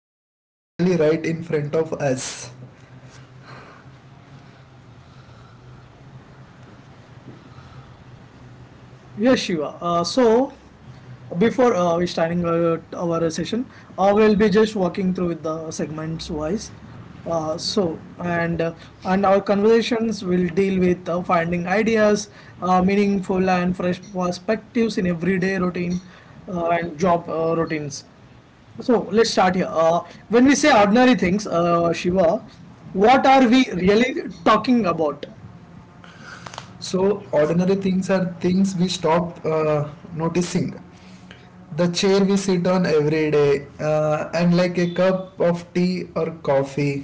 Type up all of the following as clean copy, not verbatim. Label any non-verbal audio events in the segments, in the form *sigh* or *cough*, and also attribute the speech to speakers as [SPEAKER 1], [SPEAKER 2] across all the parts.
[SPEAKER 1] It's usually right in front of us.
[SPEAKER 2] Yes, Shiva. So, before we starting our session, we'll be just walking through with the segments wise. Uh, so, and uh, and our conversations will deal with finding ideas, meaningful and fresh perspectives in everyday routine and job routines. So let's start here. When we say ordinary things, Shiva, what are we really talking about?
[SPEAKER 1] So, ordinary things are things we stop noticing. The chair we sit on every day, and like a cup of tea or coffee.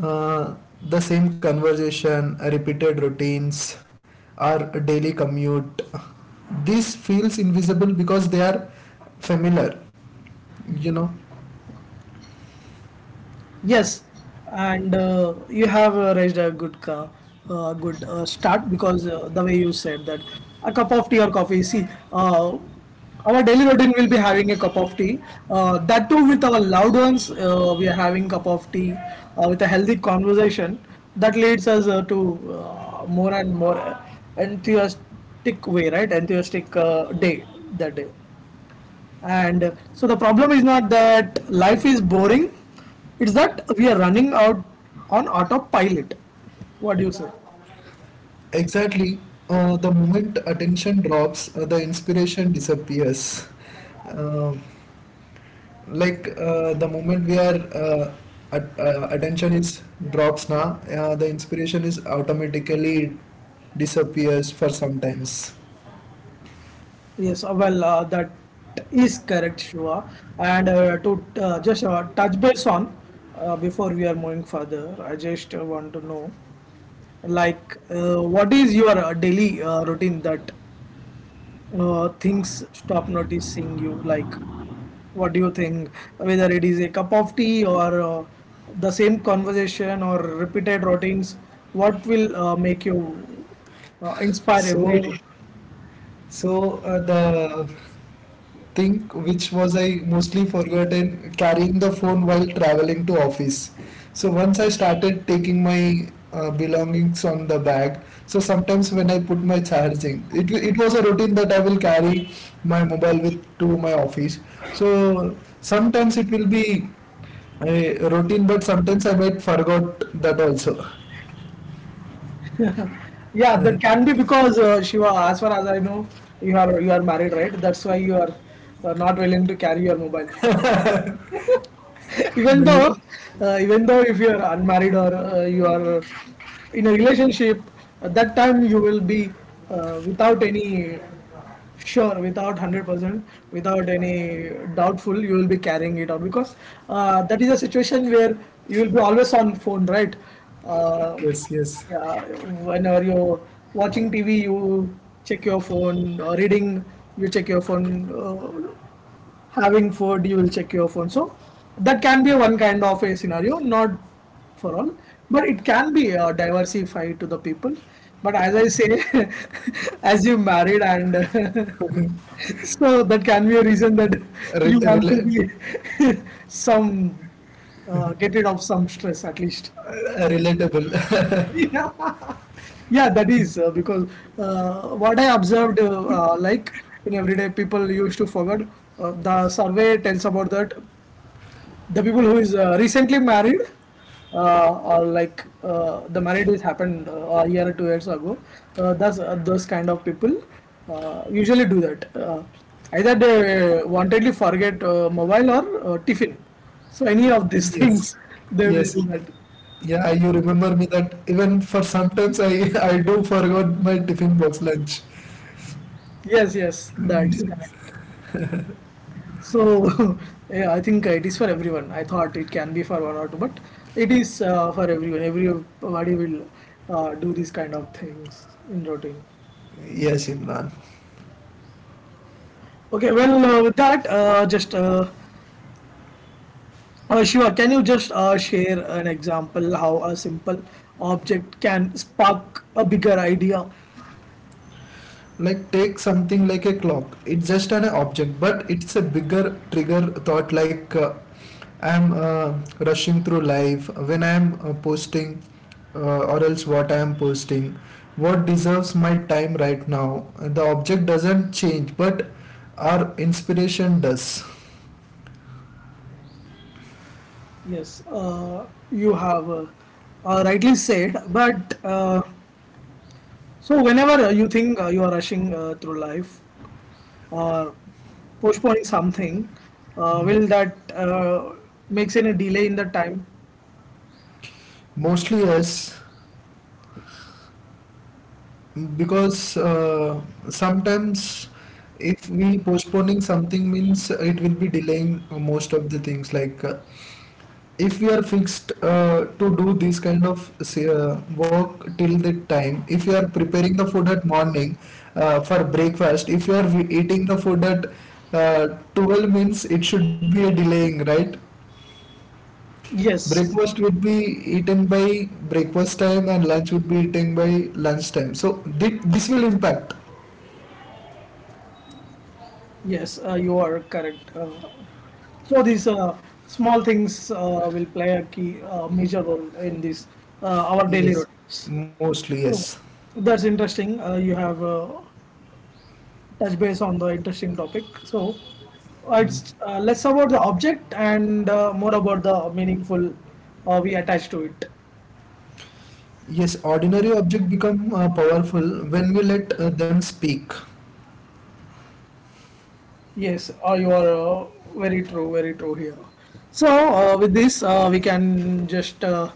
[SPEAKER 1] The same conversation, repeated routines, our daily commute. This feels invisible because they are familiar, you know.
[SPEAKER 2] Yes, and you have raised a good start, because the way you said that, a cup of tea or coffee. See, uh, our daily routine will be having a cup of tea. That too with our loved ones, we are having cup of tea with a healthy conversation that leads us to more and more enthusiastic way, right? Enthusiastic day that day. And so the problem is not that life is boring, it's that we are running out on autopilot. What do you say?
[SPEAKER 1] Exactly. The moment attention drops, the inspiration disappears. Um like the moment we are at, attention is drops na, the inspiration is automatically disappears for sometimes.
[SPEAKER 2] Yes, well, that is correct, Shiva. And to just touch base on, before we are moving further, I just want to know, like, what is your daily routine that things stop noticing you, like what do you think, whether it is a cup of tea or the same conversation or repeated routines, what will make you inspire every day?
[SPEAKER 1] So so the think which was I mostly forgotten carrying the phone while traveling to office. So once I started taking my belongings on the bag, so sometimes when I put my charging, it was a routine that I will carry my mobile with to my office. So sometimes it will be a routine, but sometimes I might forgot that also.
[SPEAKER 2] Yeah, that can be because, Shiva, as far as I know, you are married, right? That's why you are not willing to carry your mobile. *laughs* Even
[SPEAKER 1] Well,
[SPEAKER 2] though even though, if you are unmarried or you are in a relationship, at that time you will be without any, sure, without 100% without any doubtful, you will be carrying it on, because that is a situation where you will be always on phone, right? uh,
[SPEAKER 1] yes, yes,
[SPEAKER 2] yeah, whenever you're watching TV, you check your phone, or reading, you check your phone, having food you will check your phone. So that can be one kind of a scenario, not for all, but it can be diversified to the people. But as I say, *laughs* as you married and *laughs* so that can be a reason that
[SPEAKER 1] Re-
[SPEAKER 2] you want to
[SPEAKER 1] rela-
[SPEAKER 2] be *laughs* some get rid of some stress at least.
[SPEAKER 1] relatable.
[SPEAKER 2] *laughs* Yeah, yeah, that is because what I observed, like, in everyday people used to forget the survey tells about that, the people who is recently married or like the marriage is happened a year or 2 years ago, that's those kind of people usually do that. Either they wantedly forget mobile or tiffin, so any of these
[SPEAKER 1] *laughs* Yes.
[SPEAKER 2] things *laughs* they will do
[SPEAKER 1] Yes,
[SPEAKER 2] that.
[SPEAKER 1] yeah, you remember me that even for sometimes I *laughs* I do forgot my tiffin box lunch.
[SPEAKER 2] Yes, yes, that's correct.
[SPEAKER 1] Yes,
[SPEAKER 2] So *laughs* yeah, I think it is for everyone. I thought it can be for one or two, but it is for everyone. Everybody will do these kind of things in routine.
[SPEAKER 1] yes, Imran.
[SPEAKER 2] Okay, well, with that, just Shiva, can you just share an example how a simple object can spark a bigger idea?
[SPEAKER 1] Like take something like a clock. It's just an object, but it's a bigger trigger thought. Like I'm rushing through life when I'm posting, or else what I'm posting. What deserves my time right now? The object doesn't change, but our inspiration does.
[SPEAKER 2] Yes, you have rightly said, but so whenever you think you are rushing through life or postponing something, will
[SPEAKER 1] Hmm.
[SPEAKER 2] that makes any delay in the time?
[SPEAKER 1] Mostly yes. Because sometimes if we postponing something means it will be delaying most of the things like if we are fixed to do this kind of say, work till the time if you are preparing the food at morning for breakfast if you are eating the food at 12 means it should be a delaying right
[SPEAKER 2] Yes,
[SPEAKER 1] breakfast would be eaten by breakfast time and lunch would be eaten by lunch time so this will impact.
[SPEAKER 2] yes, uh, you are correct. So these small things will play a key major role in this, our daily
[SPEAKER 1] Yes,
[SPEAKER 2] routines.
[SPEAKER 1] mostly
[SPEAKER 2] So
[SPEAKER 1] yes.
[SPEAKER 2] that's interesting. You have touch base on the interesting topic. So it's less about the object and more about the meaningful we attach to it.
[SPEAKER 1] Yes, ordinary objects become powerful when we let them speak.
[SPEAKER 2] Yes, you are very true here. So, with this, we can just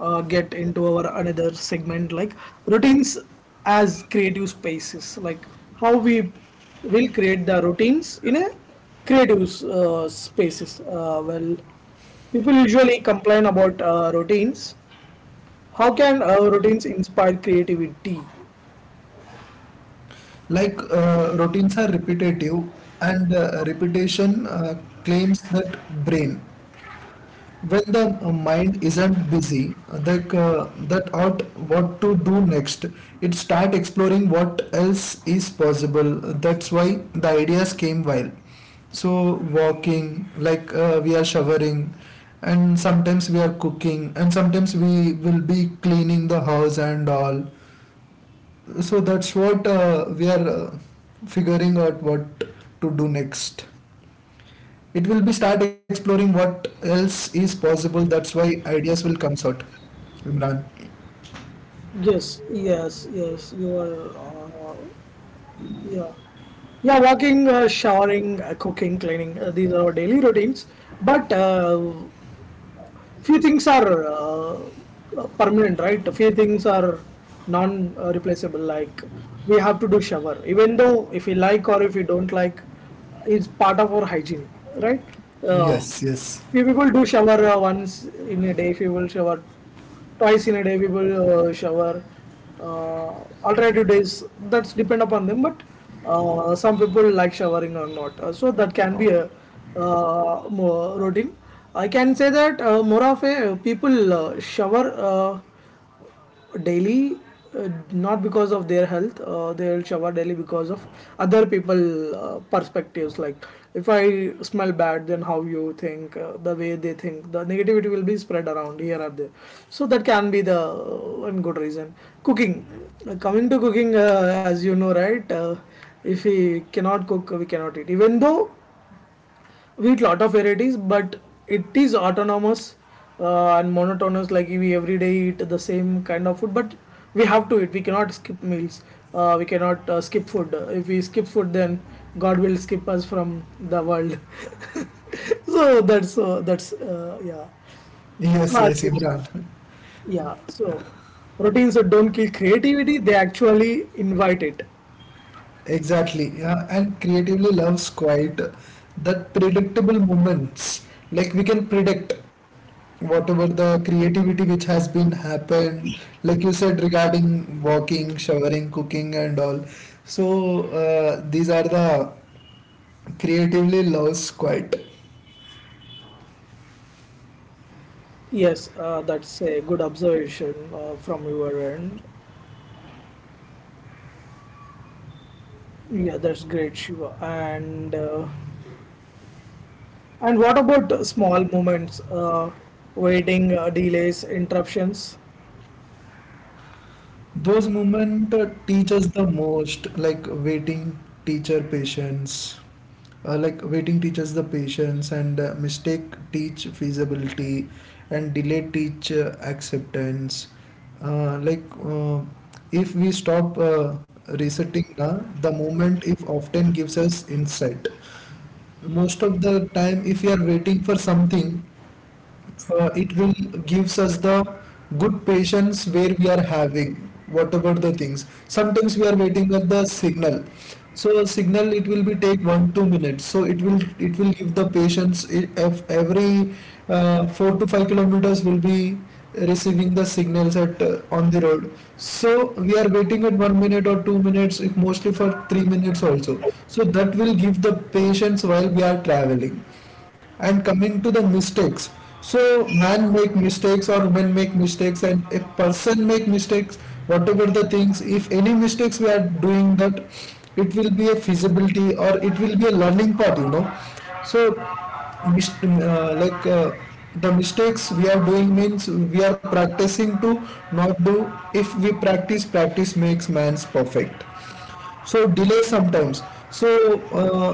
[SPEAKER 2] get into our another segment, like routines as creative spaces, like how we will create the routines in a creative spaces. Well, people usually complain about routines. How can routines inspire creativity?
[SPEAKER 1] Like routines are repetitive, and repetition claims that brain. When the mind isn't busy, like that out what to do next, it start exploring what else is possible. That's why the ideas came while so walking, like we are showering and sometimes we are cooking and sometimes we will be cleaning the house and all. So that's what we are figuring out what to do next, it will be start exploring what else is possible, that's why ideas will come sort, Imran.
[SPEAKER 2] Yes, yes, yes, you are. Yeah. Yeah, walking, showering, cooking, cleaning, these are our daily routines. But few things are permanent, right? A few things are non-replaceable. Like, we have to do shower, even though if we like or if we don't like, it's part of our hygiene, right? Uh,
[SPEAKER 1] Yes, yes,
[SPEAKER 2] Few people do shower once in a day. Few will shower twice in a day. We will shower uh, alternative days. That's depend upon them. But some people like showering or not. So that can be a routine. I can say that more of a people shower uh, daily, not because of their health. They'll shower daily because of other people perspectives, like, if I smell bad, then how you think, the way they think, the negativity will be spread around here or there. So that can be the one good reason. Cooking. Coming to cooking, as you know, right, if we cannot cook, we cannot eat. Even though we eat lot of varieties, but it is autonomous and monotonous, like we every day eat the same kind of food. But we have to eat, we cannot skip meals. We cannot skip food. If we skip food, then god will skip us from the world. *laughs* So that's yeah. So
[SPEAKER 1] yes,
[SPEAKER 2] as
[SPEAKER 1] yes,
[SPEAKER 2] you,
[SPEAKER 1] Imran.
[SPEAKER 2] yeah, so routines that don't kill creativity, they actually invite it.
[SPEAKER 1] Exactly, yeah, and creatively loves quite that predictable moments, like we can predict whatever the creativity which has been happened like you said regarding walking, showering, cooking and all. So these are the creatively loves quite.
[SPEAKER 2] Yes, that's a good observation from your end. Yeah, that's great, Shiva. And and what about small moments, waiting, delays, interruptions?
[SPEAKER 1] Those moments teach us the most, like waiting teacher patience. Like waiting teaches the patience and mistake teach feasibility and delay teach acceptance. Like if we stop resetting na, the moment if often gives us insight. Most of the time if we are waiting for something it will gives us the good patience where we are having whatever the things. Sometimes we are waiting at the signal, so signal it will be take 1-2 minutes, so it will give the patients, if every 4 to 5 kilometers will be receiving the signals at on the road. So we are waiting at 1 minute or 2 minutes, if mostly for 3 minutes also, so that will give the patience while we are traveling. And coming to the mistakes, so man make mistakes or women make mistakes and a person make mistakes, whatever the things, if any mistakes we are doing, that it will be a feasibility or it will be a learning part. So like the mistakes we are doing means we are practicing to not do. If we practice, practice makes man's perfect. So delay sometimes, so uh,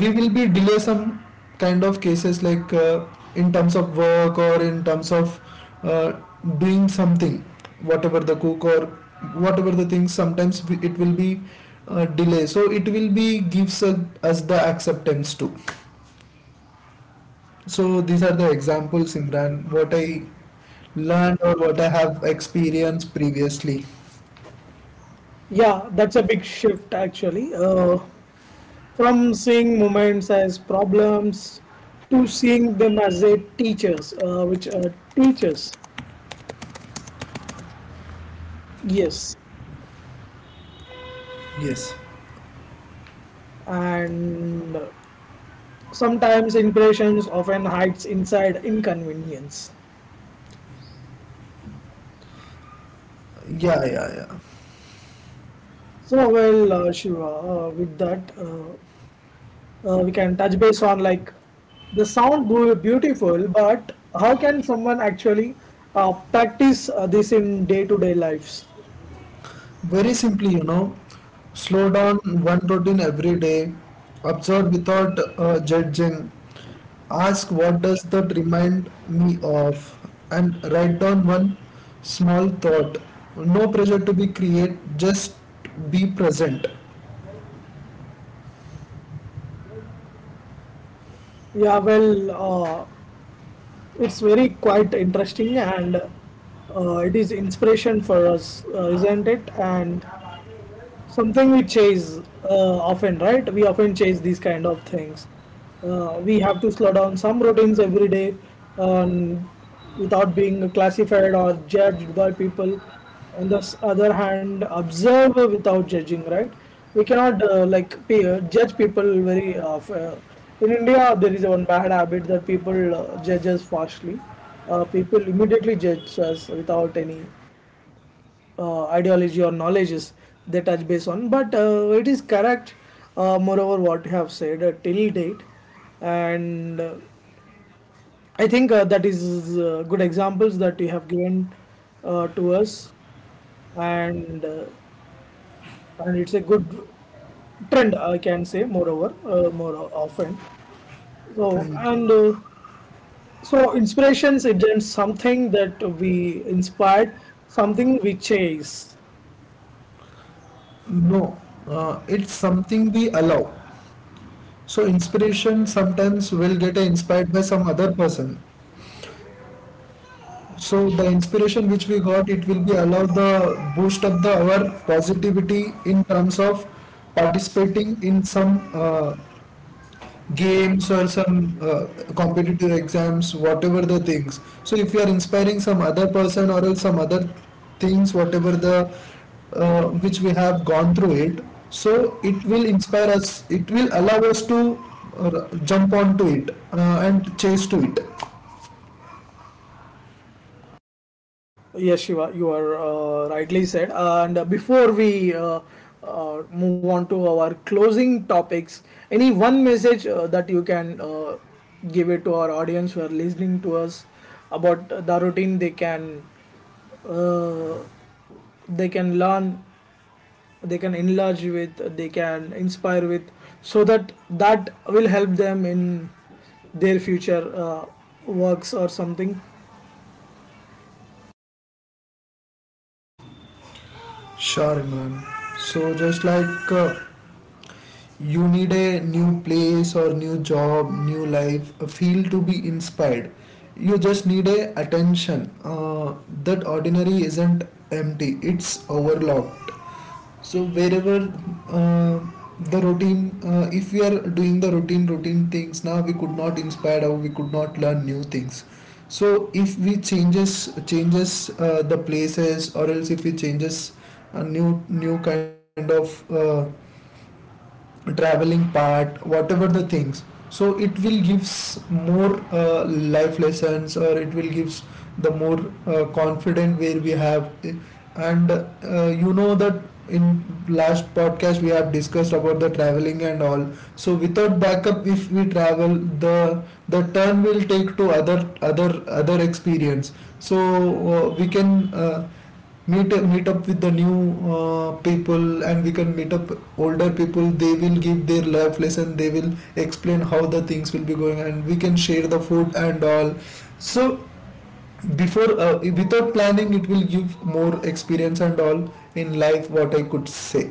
[SPEAKER 1] we will be delay some kind of cases like in terms of work or in terms of uh, doing something, whatever the cook or whatever the thing, sometimes it will be delay, so it will be gives us the acceptance too. So these are the examples, Imran, what I learned or what I have experienced previously.
[SPEAKER 2] Yeah, that's a big shift actually. From seeing moments as problems to seeing them as a teachers, which teachers, yes.
[SPEAKER 1] Yes,
[SPEAKER 2] And sometimes impressions often hides inside inconvenience.
[SPEAKER 1] yeah, yeah, yeah.
[SPEAKER 2] So well, Shiva, with that, we can touch base on, like, the sound beautiful, but how can someone actually practice this in day to day lives?
[SPEAKER 1] Very simply, slow down one routine every day, observe without judging, ask what does that remind me of, and write down one small thought. No pressure to be create, just be present.
[SPEAKER 2] Yeah, well, it's very quite interesting, and it is inspiration for us, isn't it? And something we chase often, right? We often chase these kind of things. We have to slow down some routines every day, um, without being classified or judged by people. On the other hand, observe without judging, right? We cannot like pe judge people very in India there is one bad habit that people judge us harshly. People immediately judge us without any ideology or knowledges they touch base on. But it is correct, moreover, what you have said till date, and I think that is good examples that you have given to us, and uh, and it's a good trend, I can say. Moreover, more often. So
[SPEAKER 1] Thank
[SPEAKER 2] and
[SPEAKER 1] you.
[SPEAKER 2] so inspirations isn't something that we inspired, something we chase.
[SPEAKER 1] No, it's something we allow. So inspiration sometimes will get inspired by some other person. So the inspiration which we got, it will be allow the boost up the our positivity in terms of participating in some games or some competitive exams, whatever the things. So if you are inspiring some other person or else some other things, whatever the which we have gone through it, so it will inspire us. It will allow us to jump onto it and chase to it.
[SPEAKER 2] Yes, Shiva, you are rightly said. And before we move on to our closing topics, any one message that you can give it to our audience who are listening to us about the routine, uh, they can learn, they can enlarge with, they can inspire with, so that that will help them in their future works or something.
[SPEAKER 1] Sure, Imran. So just like uh, you need a new place or new job, new life, a field to be inspired, you just need a attention that ordinary isn't empty, it's overlooked. So wherever uh, the routine, if we are doing the routine things now, we could not inspire or we could not learn new things. So if we changes the places, or else if we changes a new kind of traveling part, whatever the things, so it will gives more life lessons, or it will gives the more confident where we have and you know that in last podcast we have discussed about the traveling and all. So without backup, if we travel, the the turn will take to other experience. So we can meet up with the new people, and we can meet up older people, they will give their life lesson, they will explain how the things will be going, and we can share the food and all. So before without planning, it will give more experience and all in life, what I could say,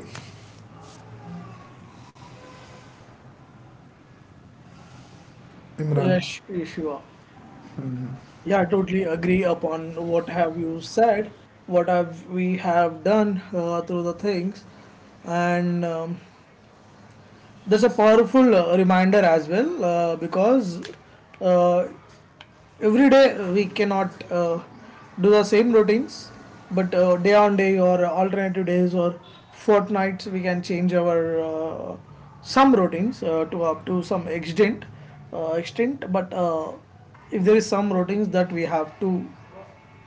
[SPEAKER 1] Imran.
[SPEAKER 2] Yes, Shiva. Yeah, I totally agree upon what have you said, what have we have done through the things, and there's a powerful reminder as well, because uh, every day we cannot do the same routines. But day on day or alternative days or fortnights, we can change our some routines to up to some extent, extent. But if there is some routines that we have to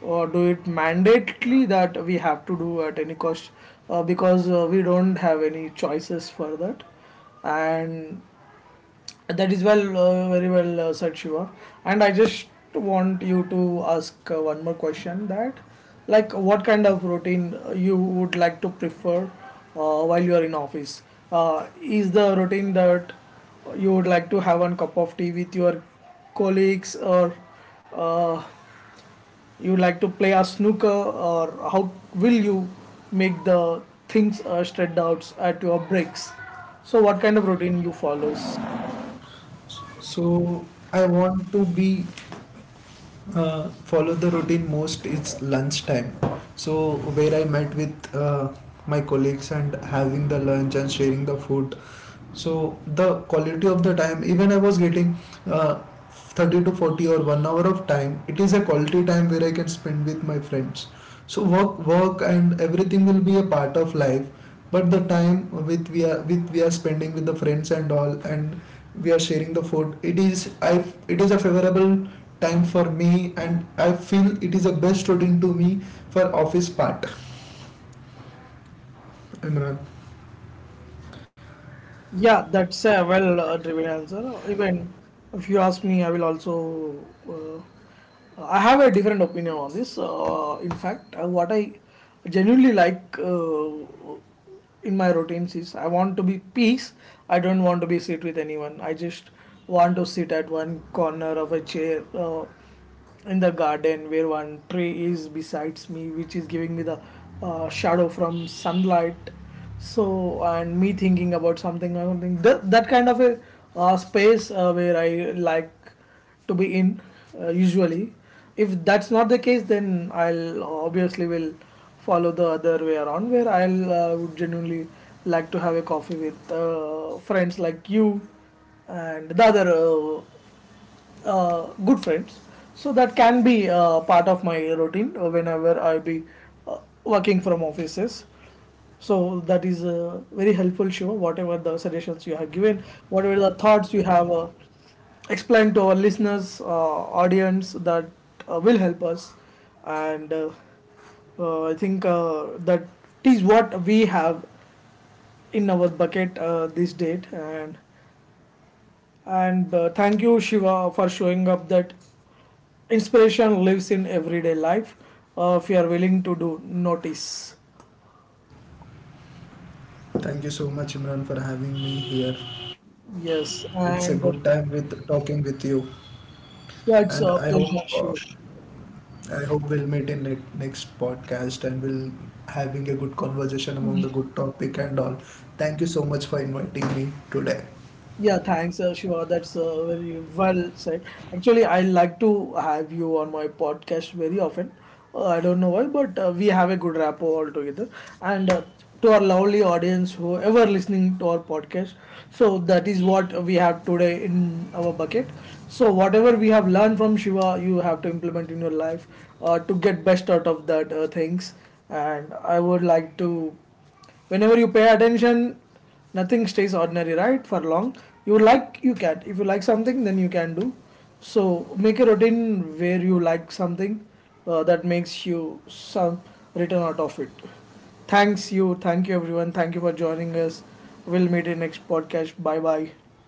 [SPEAKER 2] or do it mandatedly, that we have to do at any cost, because we don't have any choices for that. And that is well, very well said, Shiva. And I just want you to ask one more question, that, like, what kind of routine you would like to prefer while you are in office? Is the routine that you would like to have one cup of tea with your colleagues, or uh, you would like to play a snooker, or how will you make the things straight out at your breaks? So, what kind of routine you follows?
[SPEAKER 1] So I want to be follow the routine most it's lunchtime, so where I met with my colleagues and having the lunch and sharing the food, so the quality of the time even I was getting uh, 30 to 40 or 1 hour of time, it is a quality time where I can spend with my friends. So work and everything will be a part of life, but the time with we are spending with the friends and all, and we are sharing the food, i it is a favorable time for me, and I feel it is a best routine to me for office part. *laughs* Imran,
[SPEAKER 2] Yeah, that's a well driven answer. Even if you ask me, I will also. Uh, I have a different opinion on this. In fact, what I genuinely like in my routines is I want to be peace. I don't want to be sit with anyone. I just want to sit at one corner of a chair in the garden, where one tree is besides me, which is giving me the shadow from sunlight. So and me thinking about something or something, that kind of a space where I like to be in. Usually if that's not the case, then I'll obviously will follow the other way around, where I'll would genuinely like to have a coffee with friends like you and the other good friends. So that can be part of my routine whenever I be working from offices. So that is very helpful, Shiva. Whatever the suggestions you have given, whatever the thoughts you have explained to our listeners, audience, that will help us. And I think that is what we have in our bucket this date. And thank you, Shiva, for showing up that inspiration lives in everyday life. If you are willing to do notice,
[SPEAKER 1] thank you so much, Imran, for having me here. It's a
[SPEAKER 2] yes,
[SPEAKER 1] good time
[SPEAKER 2] and
[SPEAKER 1] with talking with you, and I
[SPEAKER 2] that's
[SPEAKER 1] hope
[SPEAKER 2] a
[SPEAKER 1] uh,
[SPEAKER 2] pleasure, Shiva.
[SPEAKER 1] I hope we'll meet in ne next podcast and we'll having a good conversation among the good topic and all. Thank you so much for inviting me today.
[SPEAKER 2] Yeah, thanks, Shiva. That's very well said. Actually, I like to have you on my podcast very often. I don't know why, but we have a good rapport all together. And to our lovely audience, whoever listening to our podcast, so that is what we have today in our bucket. So whatever we have learned from Shiva, you have to implement in your life to get best out of that things. And I would like to, whenever you pay attention, nothing stays ordinary, right, for long. You like, you can, if you like something, then you can do. So make a routine where you like something that makes you some return out of it. Thanks you, thank you everyone, thank you for joining us. We'll meet in next podcast. Bye bye.